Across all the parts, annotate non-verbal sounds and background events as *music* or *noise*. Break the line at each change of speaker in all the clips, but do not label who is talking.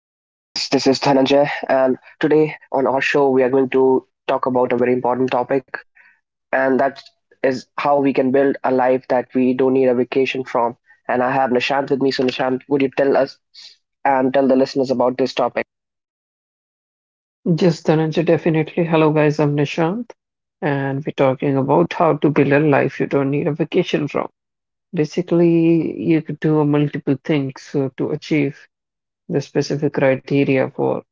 Dhananjay, and today on our show, we are going to talk about a very important topic, and that is how we can build a life that we don't need a vacation from. And I have Nishant with me. So, would you tell us and tell the listeners about this topic?
Yes, Dhananjay, definitely. Hello, guys. I'm Nishant, and we're talking about how to build a life you don't need a vacation from. Basically, you could do multiple things to achieve the specific criteria for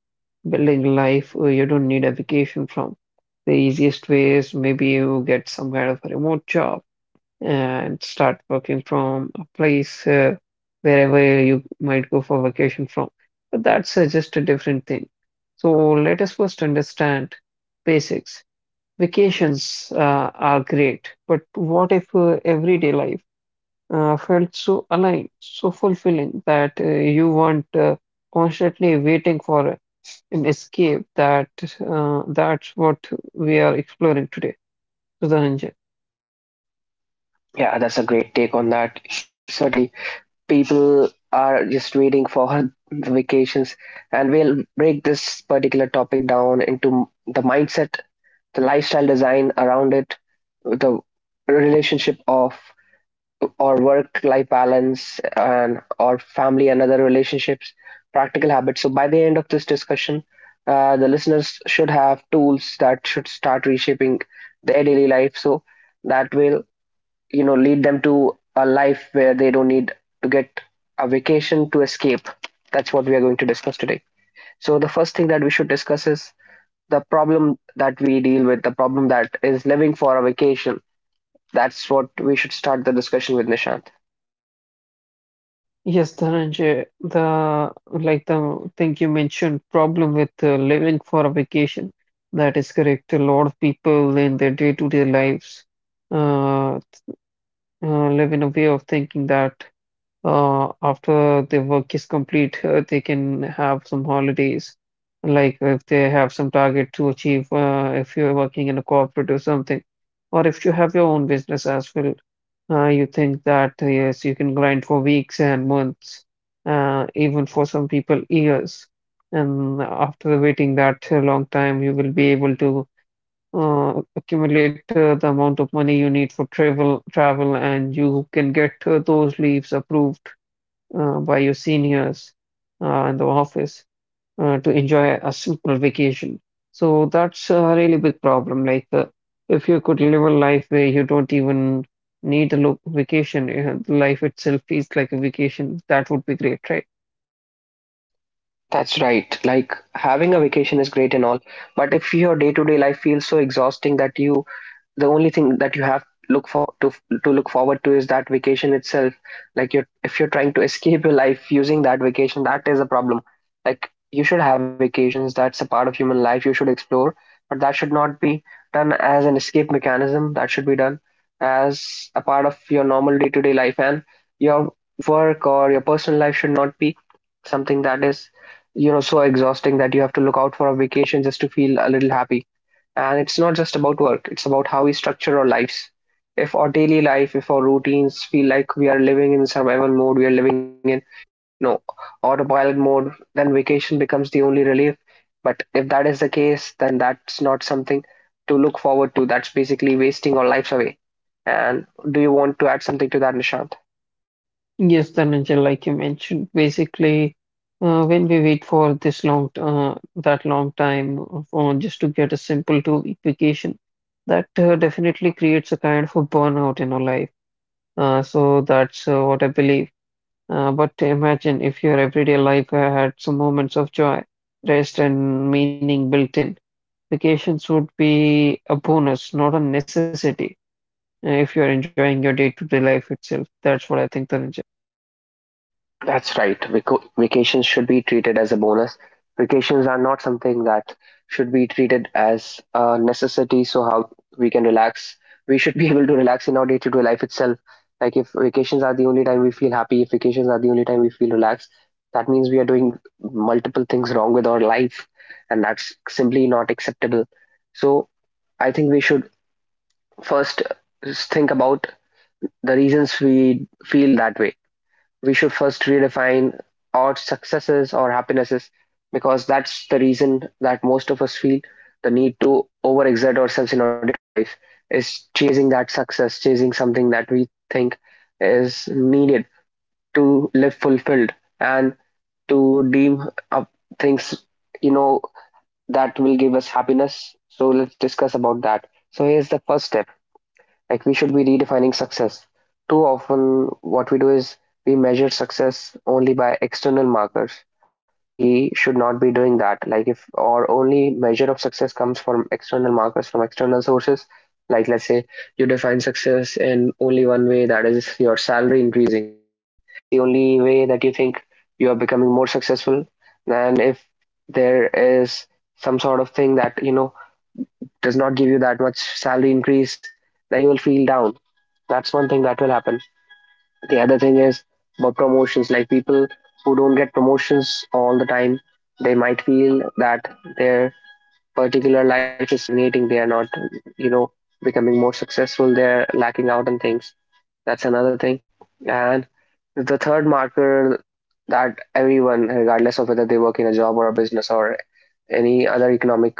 building life you don't need a vacation from. The easiest way is maybe you get some kind of a remote job and start working from a place wherever you might go for vacation from. But that's just a different thing. So let us first understand basics. Vacations are great, but what if everyday life felt so aligned, so fulfilling that you weren't constantly waiting for an escape? That's what we are exploring today, Sudhananjan.
Yeah, that's a great take on that. Certainly, people are just waiting for *laughs* the vacations, and we'll break this particular topic down into the mindset, the lifestyle design around it, the relationship of or work-life balance and or family and other relationships, practical habits. So by the end of this discussion, the listeners should have tools that should start reshaping their daily life. So that will lead them to a life where they don't need to get a vacation to escape. That's what we are going to discuss today. So the first thing that we should discuss is the problem that we deal with, the problem that is living for a vacation. That's what we should start the discussion with, Nishant.
Yes, Dhananjay, the like the thing you mentioned, problem with living for a vacation. That is correct. A lot of people in their day-to-day lives uh, live in a way of thinking that after their work is complete, they can have some holidays. Like if they have some target to achieve, if you're working in a corporate or something, or if you have your own business as well, you think that yes, you can grind for weeks and months, even for some people years, and after waiting that long time, you will be able to accumulate the amount of money you need for travel, and you can get those leaves approved by your seniors in the office to enjoy a simple vacation. So that's a really big problem. Like, if you could live a life where you don't even need a look vacation, life itself is like a vacation, that would be great, right?
That's right. Like, having a vacation is great and all, but if your day to day life feels so exhausting that you, the only thing that you have look for to look forward to is that vacation itself, like you're, if you're trying to *laughs* escape your life using that vacation, that is a problem. Like, you should have vacations, that's a part of human life, you should explore, but that should not be done as an escape mechanism. That should be done as a part of your normal day-to-day life, and your work or your personal life should not be something that is so exhausting that you have to look out for a vacation just to feel a little happy. And it's not just about work, it's about how we structure our lives. If our daily life, if our routines feel like we are living in survival mode, we are living in, you know, autopilot mode, then vacation becomes the only relief. But if that is the case, then that's not something to look forward to. That's basically wasting our lives away. And do you want to add something to that, Nishant?
Yes, Dhananjay, like you mentioned, basically, when we wait for this long, that long time for just to get a simple two-week vacation, that definitely creates a kind of a burnout in our life. So that's what I believe. But imagine if your everyday life had some moments of joy, rest, and meaning built in. Vacations would be a bonus, not a necessity, if you're enjoying your day-to-day life itself. That's what I think, Tanuja.
That's right. Vacations should be treated as a bonus. Vacations are not something that should be treated as a necessity. So how we can relax, we should be *laughs* able to relax in our day-to-day life itself. Like, if vacations are the only time we feel happy, if vacations are the only time we feel relaxed, that means we are doing multiple things wrong with our life, and that's simply not acceptable. So I think we should first think about the reasons we feel that way. We should first redefine our successes or happinesses, because that's the reason that most of us feel the need to overexert ourselves in our day-to-day life is chasing that success, chasing something that we think is needed to live fulfilled and to deem up things, you know, that will give us happiness. So let's discuss about that. So here's the first step: like, we should be redefining success. Too often what we do is we measure success only by external markers. We should not be doing that. Like, if our only measure of success comes from external markers, from external sources, like let's say you define success in only one way, that is your salary increasing. If that's the only way that you think you are becoming more successful, then if there is some sort of thing that, you know, does not give you that much salary increase, then you will feel down. That's one thing that will happen. The other thing is about promotions. Like, people who don't get promotions all the time, they might feel that their particular life is stagnating. They are not, you know, becoming more successful. They're lacking out on things. That's another thing. And the third marker that everyone, regardless of whether they work in a job or a business or any other economic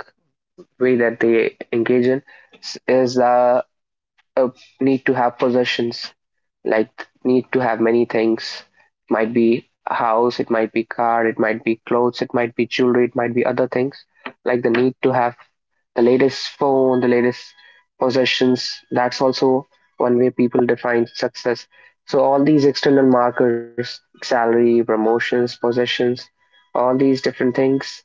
way that they engage in, is the uh, need to have possessions, like need to have many things. Might be a house, it might be car, it might be clothes, it might be jewelry, it might be other things. Like, the need to have the latest phone, the latest possessions. That's also one way people define success. So all these external markers, salary, promotions, possessions, all these different things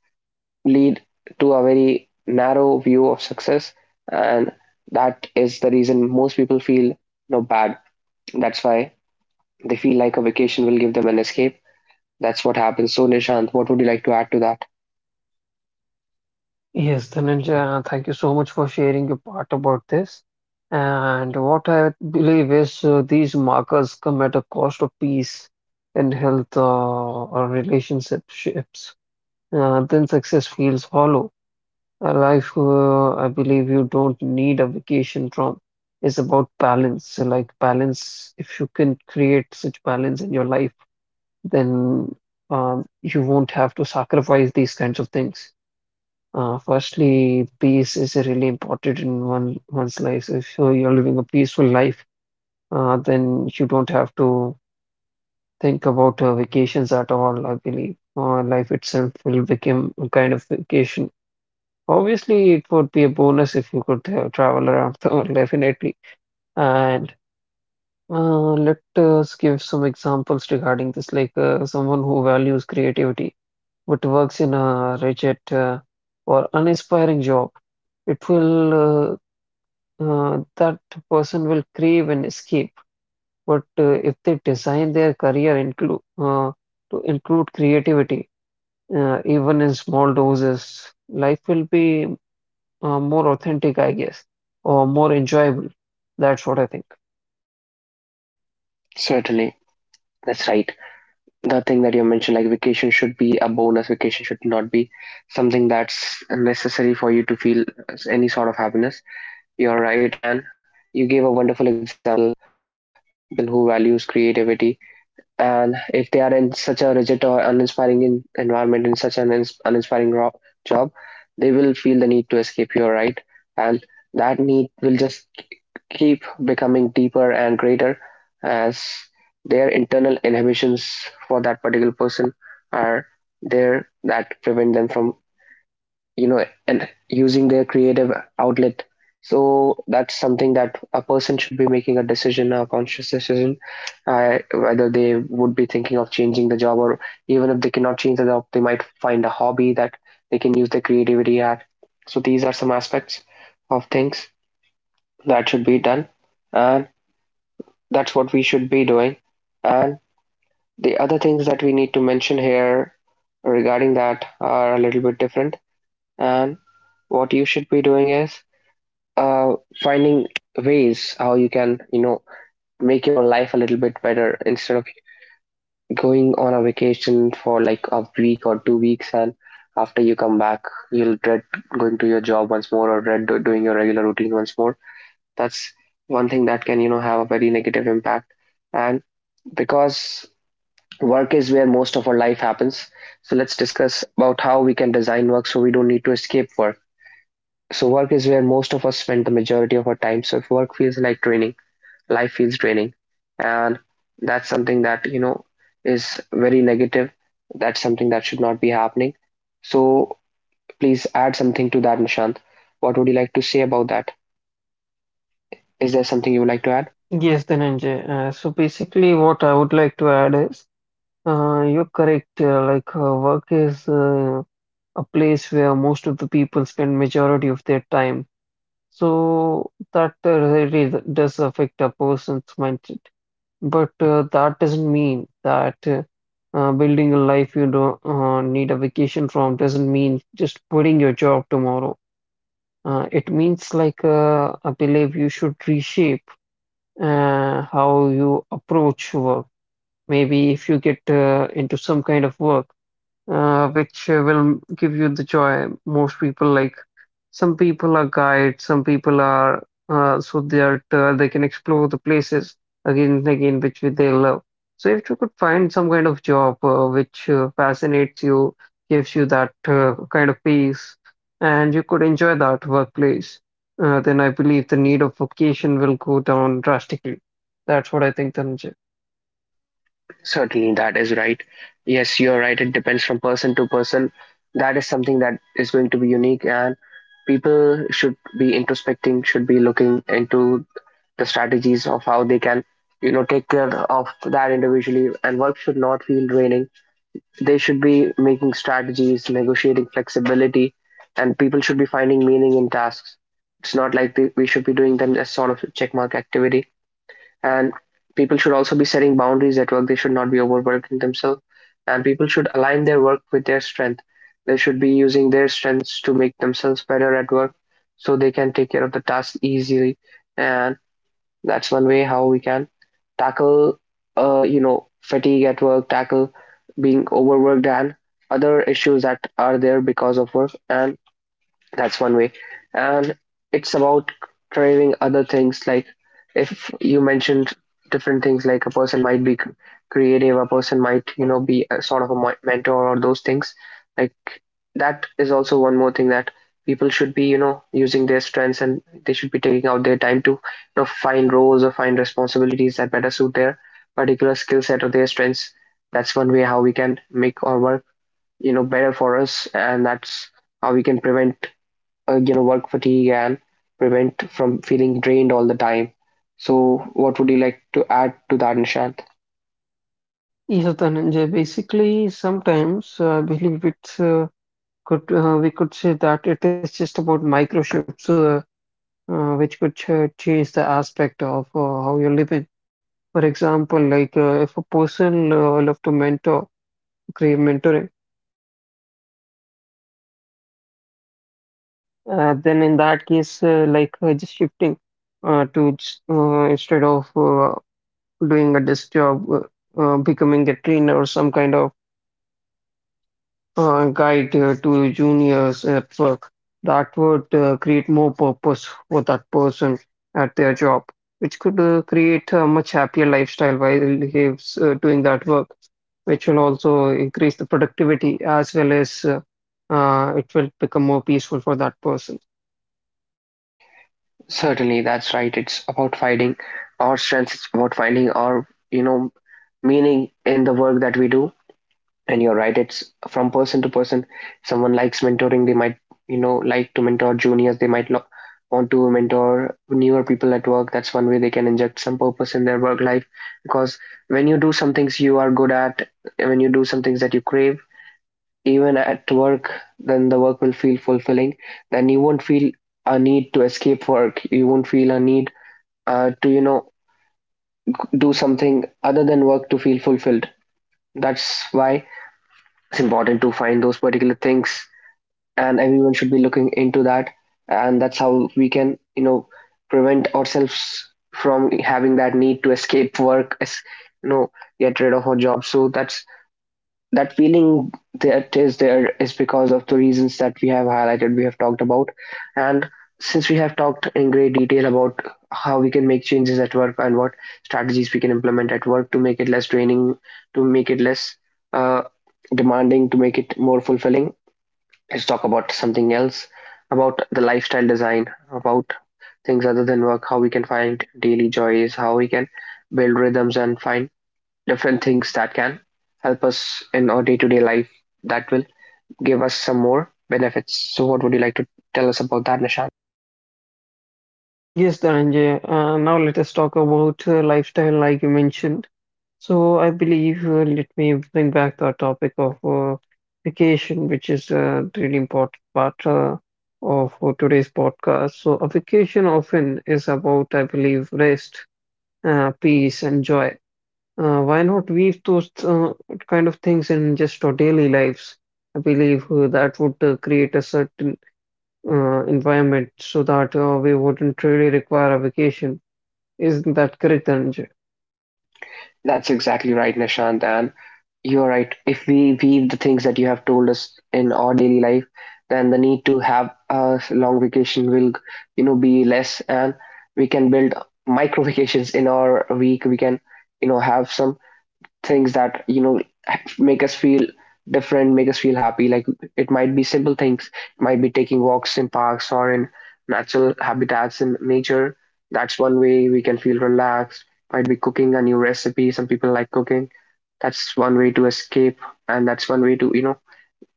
lead to a very narrow view of success, and that is the reason most people feel, you know, bad. That's why they feel like a vacation will give them an escape. That's what happens. So Nishant, what would you like to add to that?
Yes, Tanuja, thank you so much for sharing your part about this. And what I believe is these markers come at a cost of peace in health or relationships. Then success feels hollow. A life I believe you don't need a vacation from is about balance. So like balance, if you can create such balance in your life, then you won't have to sacrifice these kinds of things. Firstly, peace is really important in one's life. So if you're living a peaceful life, then you don't have to think about vacations at all, I believe. Life itself will become a kind of vacation. Obviously, it would be a bonus if you could travel around the world, *laughs* definitely. And let us give some examples regarding this, like someone who values creativity but works in a rigid or uninspiring job. It will that person will crave an escape. But if they design their career include to include creativity, even in small doses, life will be more authentic, I guess, or more enjoyable. That's what I think.
Certainly, that's right. The thing that you mentioned, like vacation should be a bonus, vacation should not be something that's necessary for you to feel any sort of happiness, you're right. And you gave a wonderful example about a person who values creativity. And if they are in such a rigid or uninspiring environment, in such an uninspiring job, they will feel the need to escape here, right? And that need will just keep becoming deeper and greater as their internal inhibitions for that particular person are there that prevent them from, you know, and using their creative outlet. So that's something that a person should be making a decision, a conscious decision, whether they would be thinking of changing the job, or even if they cannot change the job, they might find a hobby that they can use their creativity at. So these are some aspects of things that should be done, and that's what we should be doing. And the other things that we need to mention here regarding that are a little bit different, and what you should be doing is, uh, finding ways how you can, you know, make your life a little bit better instead of going on a vacation for like a week or 2 weeks, and after you come back you'll dread going to your job once more, or dread doing your regular routine once more. That's one thing that can, you know, have a very negative impact. And because work is where most of our life happens, so let's discuss about how we can design work so we don't need to escape work. So work is where most of us spend the majority of our time. So if work feels like draining, life feels draining, and that's something that, you know, is very negative. That's something that should not be happening. So please add something to that, Nishant. What would you like to say about that? Is there something you would like to add?
Yes, Dhananjay. So basically, what I would like to add is you're correct. Like, work is a place where most of the people spend majority of their time. So that really does affect a person's mindset. But that doesn't mean that building a life you don't need a vacation from doesn't mean just quitting your job tomorrow. It means like I believe you should reshape how you approach work. Maybe if you get into some kind of work which will give you the joy. Most people like some people are guides, some people are they can explore the places again and again which they love. So if you could find some kind of job which fascinates you, gives you that kind of peace, and you could enjoy that workplace, then I believe the need of vocation will go down drastically. That's what I think, Dhananjay.
Certainly, that is right. Yes, you're right. It depends from person to person. That is something that is going to be unique, and people should be introspecting, should be looking into the strategies of how they can, you know, take care of that individually, and work should not feel draining. They should be making strategies, negotiating flexibility, and people should be finding meaning in tasks. It's not like they, we should be doing them as sort of checkmark activity. And people should also be setting boundaries at work, they should not be overworking themselves. And people should align their work with their strength. They should be using their strengths to make themselves better at work so they can take care of the task easily. And that's one way how we can tackle, you know, fatigue at work, tackle being overworked and other issues that are there because of work. And that's one way. And it's about craving other things. Like, if you mentioned different things, like a person might be creative, a person might, you know, be a sort of a mentor or those things. Like, that is also one more thing that people should be, you know, using their strengths, and they should be taking out their time to, you know, find roles or find responsibilities that better suit their particular skill set or their strengths. That's one way how we can make our work, you know, better for us, and that's how we can prevent, you know, work fatigue and prevent from feeling drained all the time. So, what would you like to add to that, Nishant?
Yeah, Dhananjay, basically, sometimes I believe it's could we could say that it is just about micro shifts which could change the aspect of how you live. For example, like if a person love to mentor, crave mentoring, then in that case, just shifting instead of doing a desk job, becoming a trainer or some kind of guide to juniors at work that would create more purpose for that person at their job, which could create a much happier lifestyle while he's doing that work, which will also increase the productivity as well as it will become more peaceful for that person.
Certainly, that's right. It's about finding our strengths. It's about finding our, you know, meaning in the work that we do. And you're right. It's from person to person. Someone likes mentoring. They might, you know, like to mentor juniors. They might want to mentor newer people at work. That's one way they can inject some purpose in their work life. Because when you do some things you are good at, when you do some things that you crave even at work, then the work will feel fulfilling. Then you won't feel a need to escape work. You won't feel a need uh, to, you know, do something other than work to feel fulfilled. That's why it's important to find those particular things, and everyone should be looking into that. And that's how we can, prevent ourselves from having that need to escape work, as you know, get rid of our job. So that's that feeling that is there is because of the reasons that we have highlighted, we have talked about. And since we have talked in great detail about how we can make changes at work and what strategies we can implement at work to make it less draining, to make it less uh, demanding, to make it more fulfilling, let's talk about something else about the lifestyle design, about things other than work, how we can find daily joys, how we can build rhythms and find different things that can help us in our day-to-day life that will give us some more benefits. So what would you like to tell us about that, Nishant?
Yes, Dhananjay. Now let us talk about lifestyle, like you mentioned. So I believe let me bring back the topic of vacation, which is a really important part of today's podcast. So a vacation often is about, I believe, rest, peace, and joy. Why not weave those kind of things in just our daily lives? I believe that would create a certain environment so that we wouldn't really require a vacation. Isn't that correct, Anju?
That's exactly right, Nishant. And you're right. If we weave the things that you have told us in our daily life, then the need to have a long vacation will, be less, and we can build micro vacations in our week. We can, have some things that make us feel different, make us feel happy. Like it might be simple things, it might be taking walks in parks or in natural habitats in nature. That's one way we can feel relaxed. Might be cooking a new recipe. Some people like cooking. That's one way to escape, and that's one way to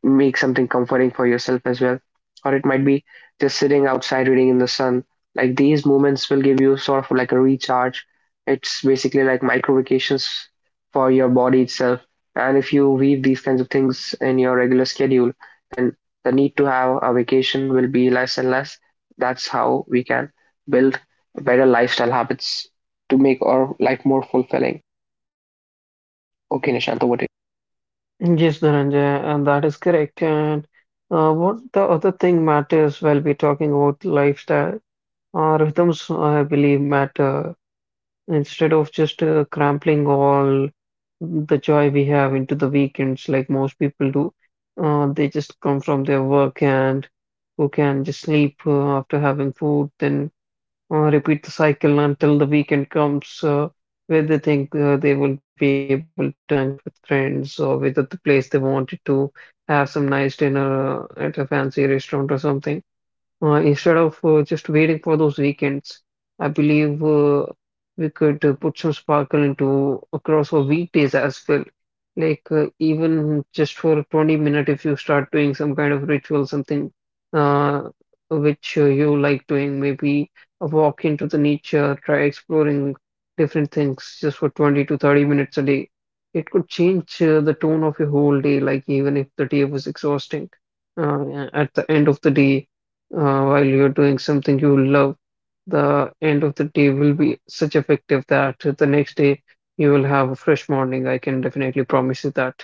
make something comforting for yourself as well. Or it might be just sitting outside reading in the sun. Like these moments will give you sort of like a recharge. It's basically like micro vacations for your body itself. And if you weave these kinds of things in your regular schedule, then the need to have a vacation will be less and less. That's how we can build better lifestyle habits to make our life more fulfilling. Okay, Nishant, over.
Yes, Dhananjay, and that is correct. And what the other thing matters while we're talking about lifestyle, rhythms, I believe, matter instead of just crumpling all the joy we have into the weekends, like most people do. They just come from their work and who can just sleep after having food, then repeat the cycle until the weekend comes where they think they will be able to hang out with friends or visit the place they wanted to have some nice dinner at a fancy restaurant or something. Instead of just waiting for those weekends, I believe we could put some sparkle into across our weekdays as well. Like even just for 20 minutes, if you start doing some kind of ritual, something uh, which you like doing, maybe a walk into the nature, try exploring different things just for 20 to 30 minutes a day. It could change the tone of your whole day, like even if the day was exhausting, at the end of the day while you're doing something you love, the end of the day will be such effective that the next day you will have a fresh morning. I can definitely promise you that.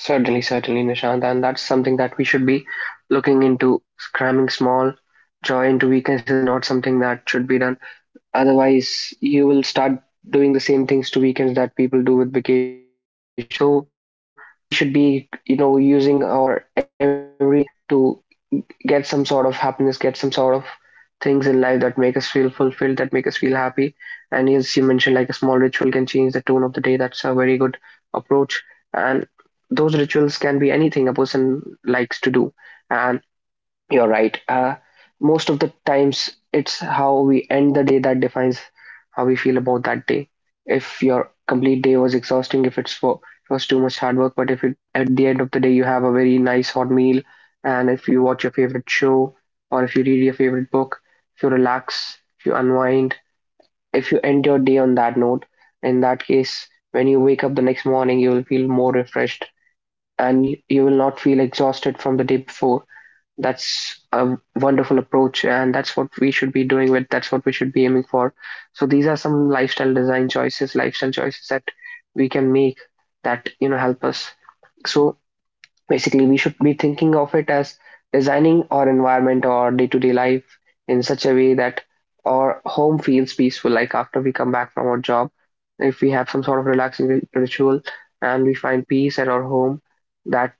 Certainly, certainly, Nishant, and that's something that we should be looking into. Cramming small joy into weekends is not something that should be done. Otherwise, you will start doing the same things to weekends that people do with vacations. So we should be, using our every day to get some sort of happiness, get some sort of things in life that make us feel fulfilled, that make us feel happy. And as you mentioned, like a small ritual can change the tone of the day. That's a very good approach. And those rituals can anything a person likes to do. And you're right. Most of the times, it's how we end the day that defines how we feel about that day. If your complete day was exhausting, if it's for it was too much hard work, but if it, at the end of the day you have a very nice hot meal, and if you watch your favorite show, or if you read your favorite book, if you relax, if you unwind, if you end your day on that note, in that case, when you wake up the next morning, you will feel more refreshed and you will not feel exhausted from the day before. That's a wonderful approach, and that's what we should be doing with. That's what we should be aiming for. So these are some lifestyle design choices, lifestyle choices that we can make that help us. So basically, we should be thinking of it as designing our environment or day-to-day life in such a way that our home feels peaceful. Like after we come back from our job, if we have some sort of relaxing ritual and we find peace at our home, that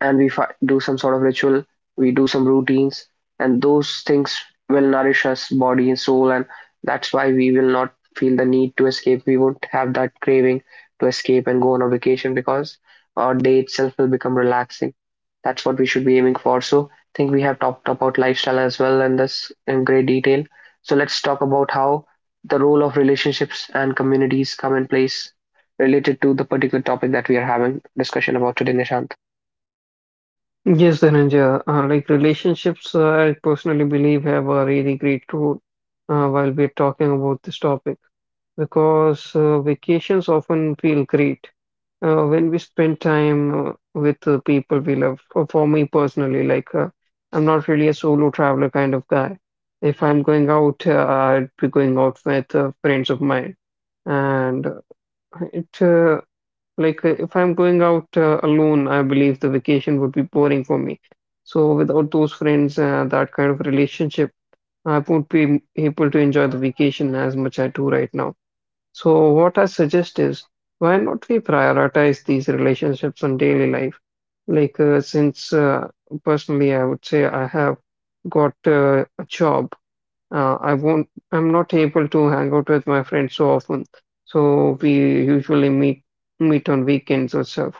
and we do some sort of ritual, we do some routines, and those things will nourish us body and soul, and that's why we will not feel the need to escape. We won't have that craving to escape and go on a vacation because our day itself will become relaxing. That's what we should be aiming for. So I think we have talked about lifestyle as well and this in great detail. So let's talk about how the role of relationships and communities come in place related to the particular topic that we are having discussion about today, Nishant.
Yes, Dhananjay, like relationships, I personally believe have a really great role while we're talking about this topic because vacations often feel great, when we spend time with the people we love. For me personally, like I'm not really a solo traveler kind of guy. If I'm going out, I'd be going out with friends of mine. And it like if I'm going out alone, I believe the vacation would be boring for me. So without those friends, that kind of relationship, I won't be able to enjoy the vacation as much I do right now. So, what I suggest is why not we prioritize these relationships in daily life? Like, since personally, I would say I have got a job, I'm not able to hang out with my friends so often. So, we usually meet on weekends or stuff.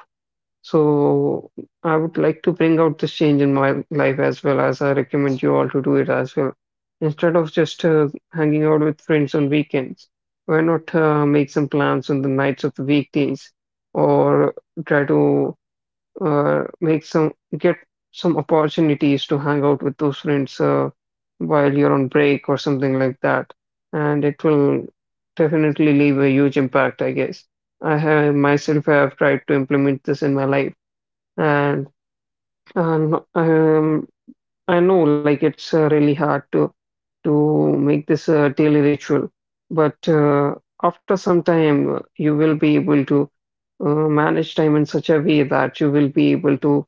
So I would like to bring out this change in my life as well as I recommend you all to do it as well. Instead of just hanging out with friends on weekends, why not make some plans on the nights of the weekdays or try to make some get some opportunities to hang out with those friends while you're on break or something like that. And it will definitely leave a huge impact, I guess. I have myself have tried to implement this in my life and um, um, I know, like, it's really hard to make this a daily ritual, but after some time, you will be able to manage time in such a way that you will be able to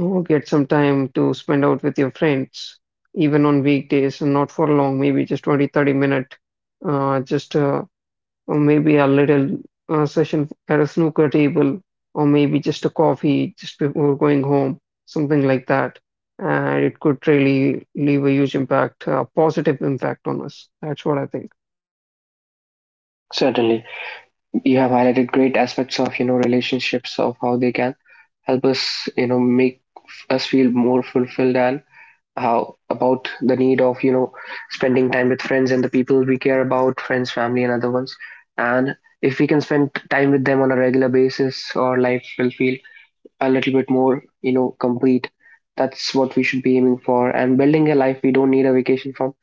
get some time to spend out with your friends, even on weekdays, and not for long, maybe just 20, thirty 30 minute, just or maybe a little session at a snooker table, or maybe just a coffee just before going home, something like that. And it could really leave a huge impact, a positive impact on us. That's what I think.
Certainly. You have highlighted great aspects of relationships, of how they can help us make us feel more fulfilled, and how about the need of spending time with friends and the people we care about, friends, family and other ones. And if we can spend time with them on a regular basis, our life will feel a little bit more, complete. That's what we should be aiming for. And building a life we don't need a vacation from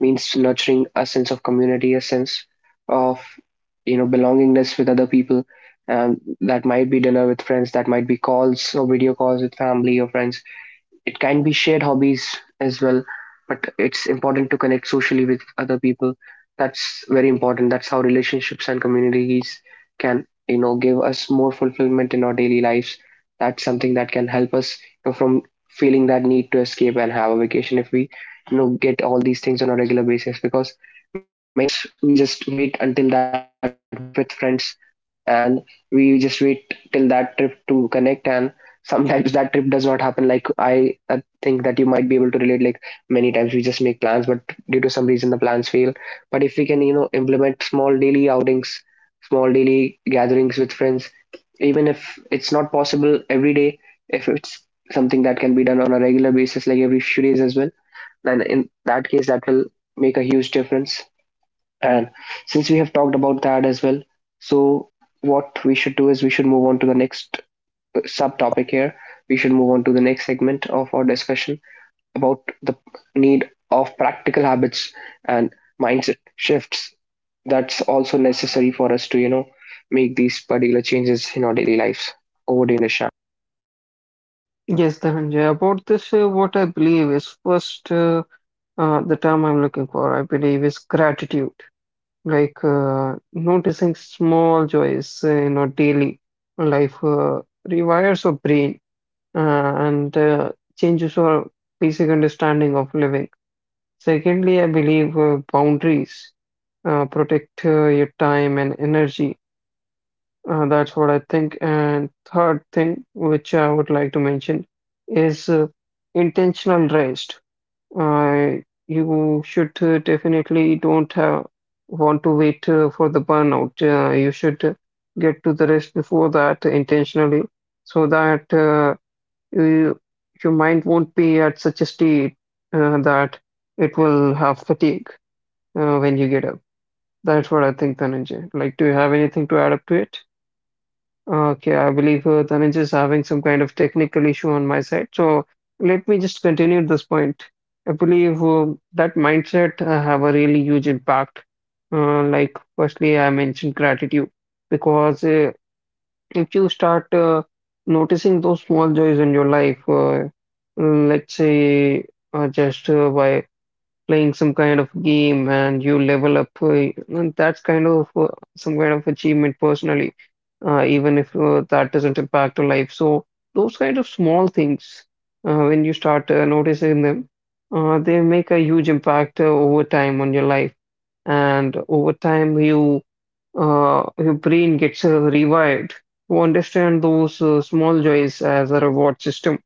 means nurturing a sense of community, a sense of, belongingness with other people. And that might be dinner with friends, that might be calls or video calls with family or friends, it can be shared hobbies as well, but it's important to connect socially with other people. That's very important. That's how relationships and communities can give us more fulfillment in our daily lives. That's something that can help us from feeling that need to escape and have a vacation if we get all these things on a regular basis. Because many times we just wait until that big trip with friends, and we just wait till that trip to connect, and sometimes that trip does not happen. Like I think that you might be able to relate. Like many times we just make plans, but due to some reason the plans fail. But if we can implement small daily outings, small daily gatherings with friends, even if it's not possible every day, if it's something that can be done on a regular basis like every few days as well, then in that case that will make a huge difference. And since we have talked about that as well, so what we should do is we should move on to the next subtopic here. We should move on to the next segment of our discussion about the need of practical habits and mindset shifts that's also necessary for us to, make these particular changes in our daily lives. Over to you, Nisha.
Yes, Dhananjay, about this, what I believe is first, the term I'm looking for, I believe, is gratitude. Like noticing small joys in our daily life rewires our brain and changes our basic understanding of living. Secondly, I believe boundaries protect your time and energy. That's what I think. And third thing, which I would like to mention, is intentional rest. Uh, you should definitely don't have want to wait for the burnout. You should get to the rest before that intentionally, so that you, your mind won't be at such a state that it will have fatigue when you get up. That's what I think, Dhananjay. Like, do you have anything to add up to it? Okay, I believe Dhananjay is having some kind of technical issue on my side. So let me just continue this point. I believe that mindset have a really huge impact. Like, firstly, I mentioned gratitude because if you start noticing those small joys in your life, let's say just by playing some kind of game and you level up, and that's kind of some kind of achievement personally, even if that doesn't impact your life. So those kind of small things, when you start noticing them, they make a huge impact over time on your life, and over time your brain gets revived to understand those small joys as a reward system.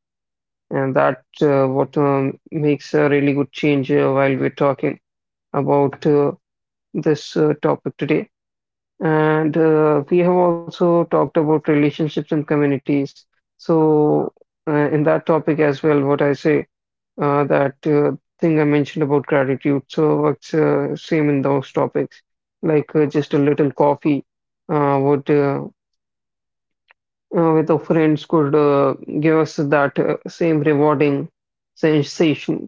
And that what makes a really good change while we're talking about this topic today. And we have also talked about relationships and communities. So in that topic as well, what I say that thing I mentioned about gratitude. So what's same in those topics, like just a little coffee would with our friends could give us that same rewarding sensation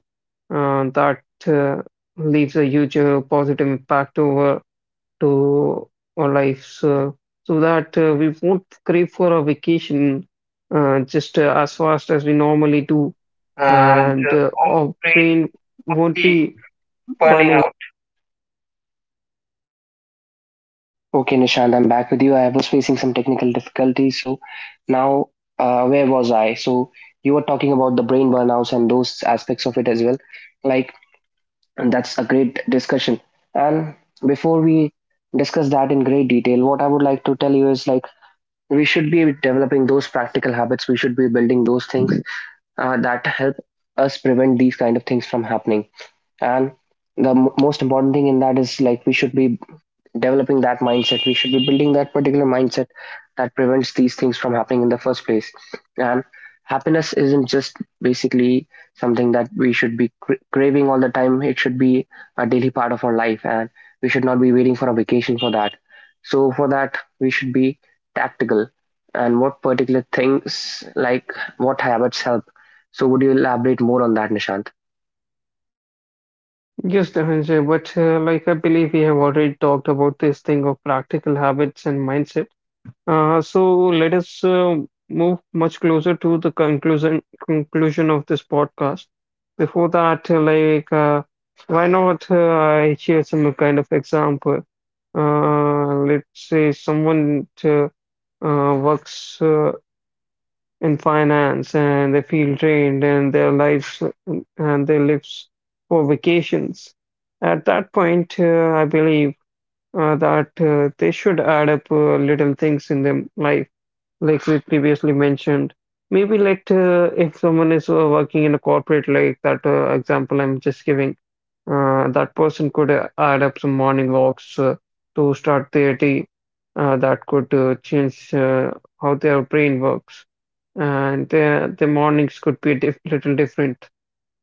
that uh, leaves a huge positive impact over to our lives so that we won't crave for a vacation just as fast as we normally do and
Oh,
our
brain
brain won't
heat,
be
burning
burning.
out. Okay, Nishant, I'm back with you. I was facing some technical difficulties. So now, where was I? So you were talking about the brain burnouts and those aspects of it as well. Like, and that's a great discussion. And before we discuss that in great detail, what I would like to tell you is like, we should be developing those practical habits. We should be building those things that help us prevent these kind of things from happening. And the most important thing in that is like, we should be developing that mindset. We should be building that particular mindset that prevents these things from happening in the first place. And happiness isn't just basically something that we should be craving all the time. It should be a daily part of our life, and we should not be waiting for a vacation for that. So for that, we should be tactical and what particular things like what habits help. So would you elaborate more on that, Nishant?
Yes, Dhananjay, but like I believe we have already talked about this thing of practical habits and mindset. So let us move much closer to the conclusion of this podcast. Before that, why not I share some kind of example? Let's say someone works in finance and they feel drained and their lives and they lives for vacations. At that point, I believe that they should add up little things in their life like we previously mentioned. Maybe let if someone is working in a corporate, like that example I'm just giving, that person could add up some morning walks to start their day. That could change how their brain works, and the mornings could be diff little different.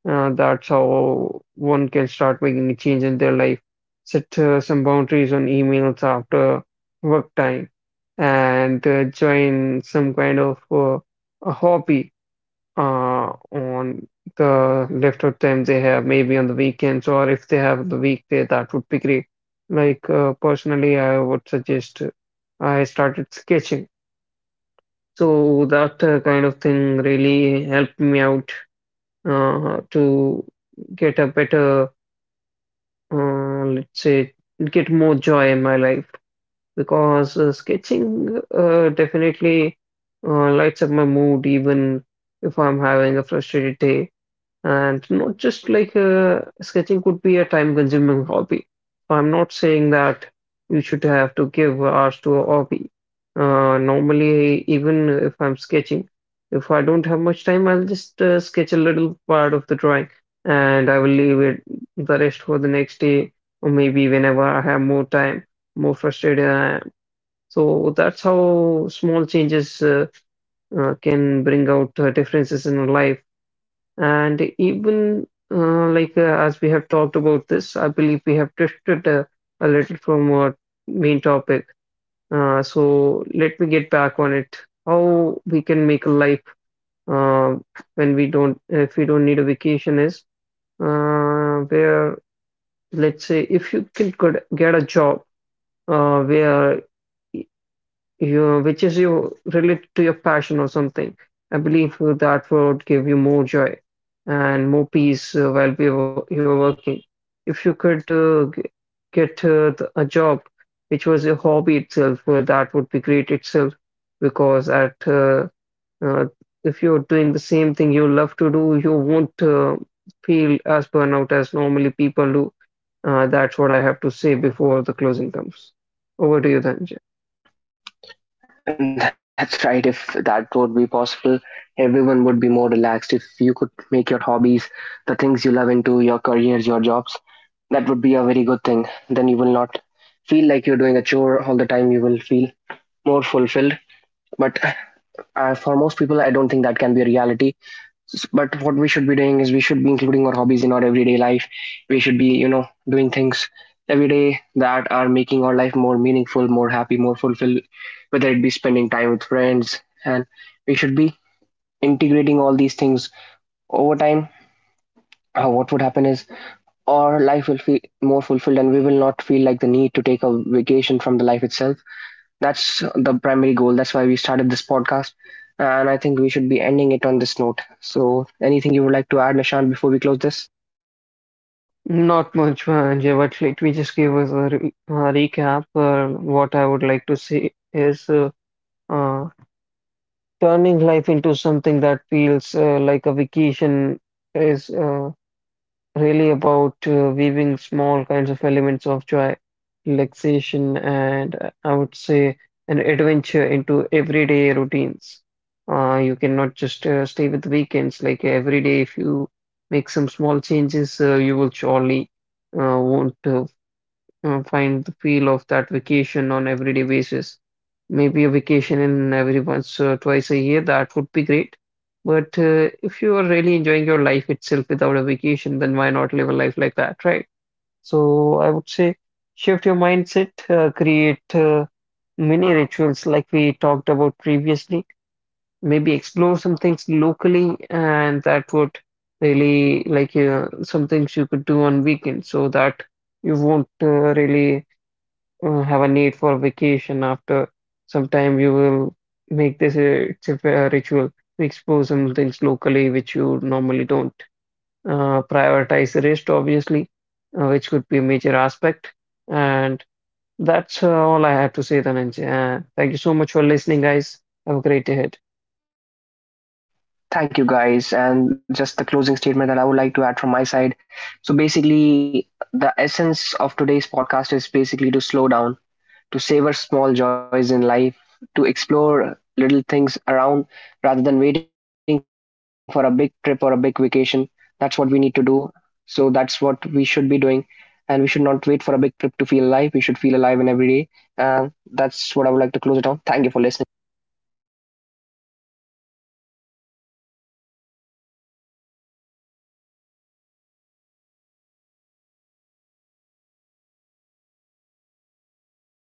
That's how one can start making a change in their life. Set some boundaries on emails after work time and join some kind of a hobby on the leftover time they have, maybe on the weekends or if they have the weekday, that would be great. Like personally, I would suggest I started sketching. So that kind of thing really helped me out to get a better, let's say, get more joy in my life because sketching definitely lights up my mood even if I'm having a frustrated day. And not just like sketching could be a time-consuming hobby. So I'm not saying that you should have to give hours to a hobby. Normally, even if I'm sketching, if I don't have much time, I'll just sketch a little part of the drawing and I will leave it the rest for the next day or maybe whenever I have more time, more frustrated I am. So that's how small changes can bring out differences in life and even as we have talked about this, I believe we have drifted a little from our main topic. So let me get back on it. How we can make a life uh, when we don't, if we don't need a vacation is where, let's say, if you can could get a job where you which is you related to your passion or something. I believe that would give you more joy and more peace while you're working. If you could get a job which was a hobby itself, that would be great itself because at uh, if you're doing the same thing you love to do, you won't feel as burnout as normally people do. That's what I have to say before the closing comes. Over to you, Dhananjay.
And that's right. If that would be possible, everyone would be more relaxed. If you could make your hobbies, the things you love into your careers, your jobs, that would be a very good thing. Then you will not feel like you're doing a chore all the time. You will feel more fulfilled. But for most people, I don't think that can be a reality, but what we should be doing is we should be including our hobbies in our everyday life. We should be doing things every day that are making our life more meaningful, more happy, more fulfilled, whether it be spending time with friends. And we should be integrating all these things over time. What would happen is our life will feel more fulfilled and we will not feel like the need to take a vacation from the life itself. That's the primary goal. That's why we started this podcast. And I think we should be ending it on this note. So, anything you would like to add, Nishant, before we close this?
Not much, Vijay, but let me just give us a recap. What I would like to say is uh, turning life into something that feels like a vacation is really about weaving small kinds of elements of joy, relaxation, and I would say an adventure into everyday routines. You cannot just stay with weekends. Like every day, if you make some small changes, you will surely won't find the feel of that vacation on everyday basis. Maybe a vacation in every once or 2 times a year, that would be great. But if you are really enjoying your life itself without a vacation, then why not live a life like that, right? So I would say shift your mindset, create mini rituals like we talked about previously. Maybe explore some things locally, and that would really like some things you could do on weekends so that you won't really have a need for vacation after some time you will make this a, it's a fair ritual to explore some things locally which you normally don't prioritize the rest obviously which could be a major aspect and that's all I have to say Dhananjay. Thank you so much for listening guys have a great day ahead.
Thank you, guys. And just the closing statement that I would like to add from my side. So, basically, the essence of today's podcast is basically to slow down, to savor small joys in life, to explore little things around rather than waiting for a big trip or a big vacation. That's what we need to do. So that's what we should be doing. And we should not wait for a big trip to feel alive. We should feel alive in every day. And that's what I would like to close it on. Thank you for listening.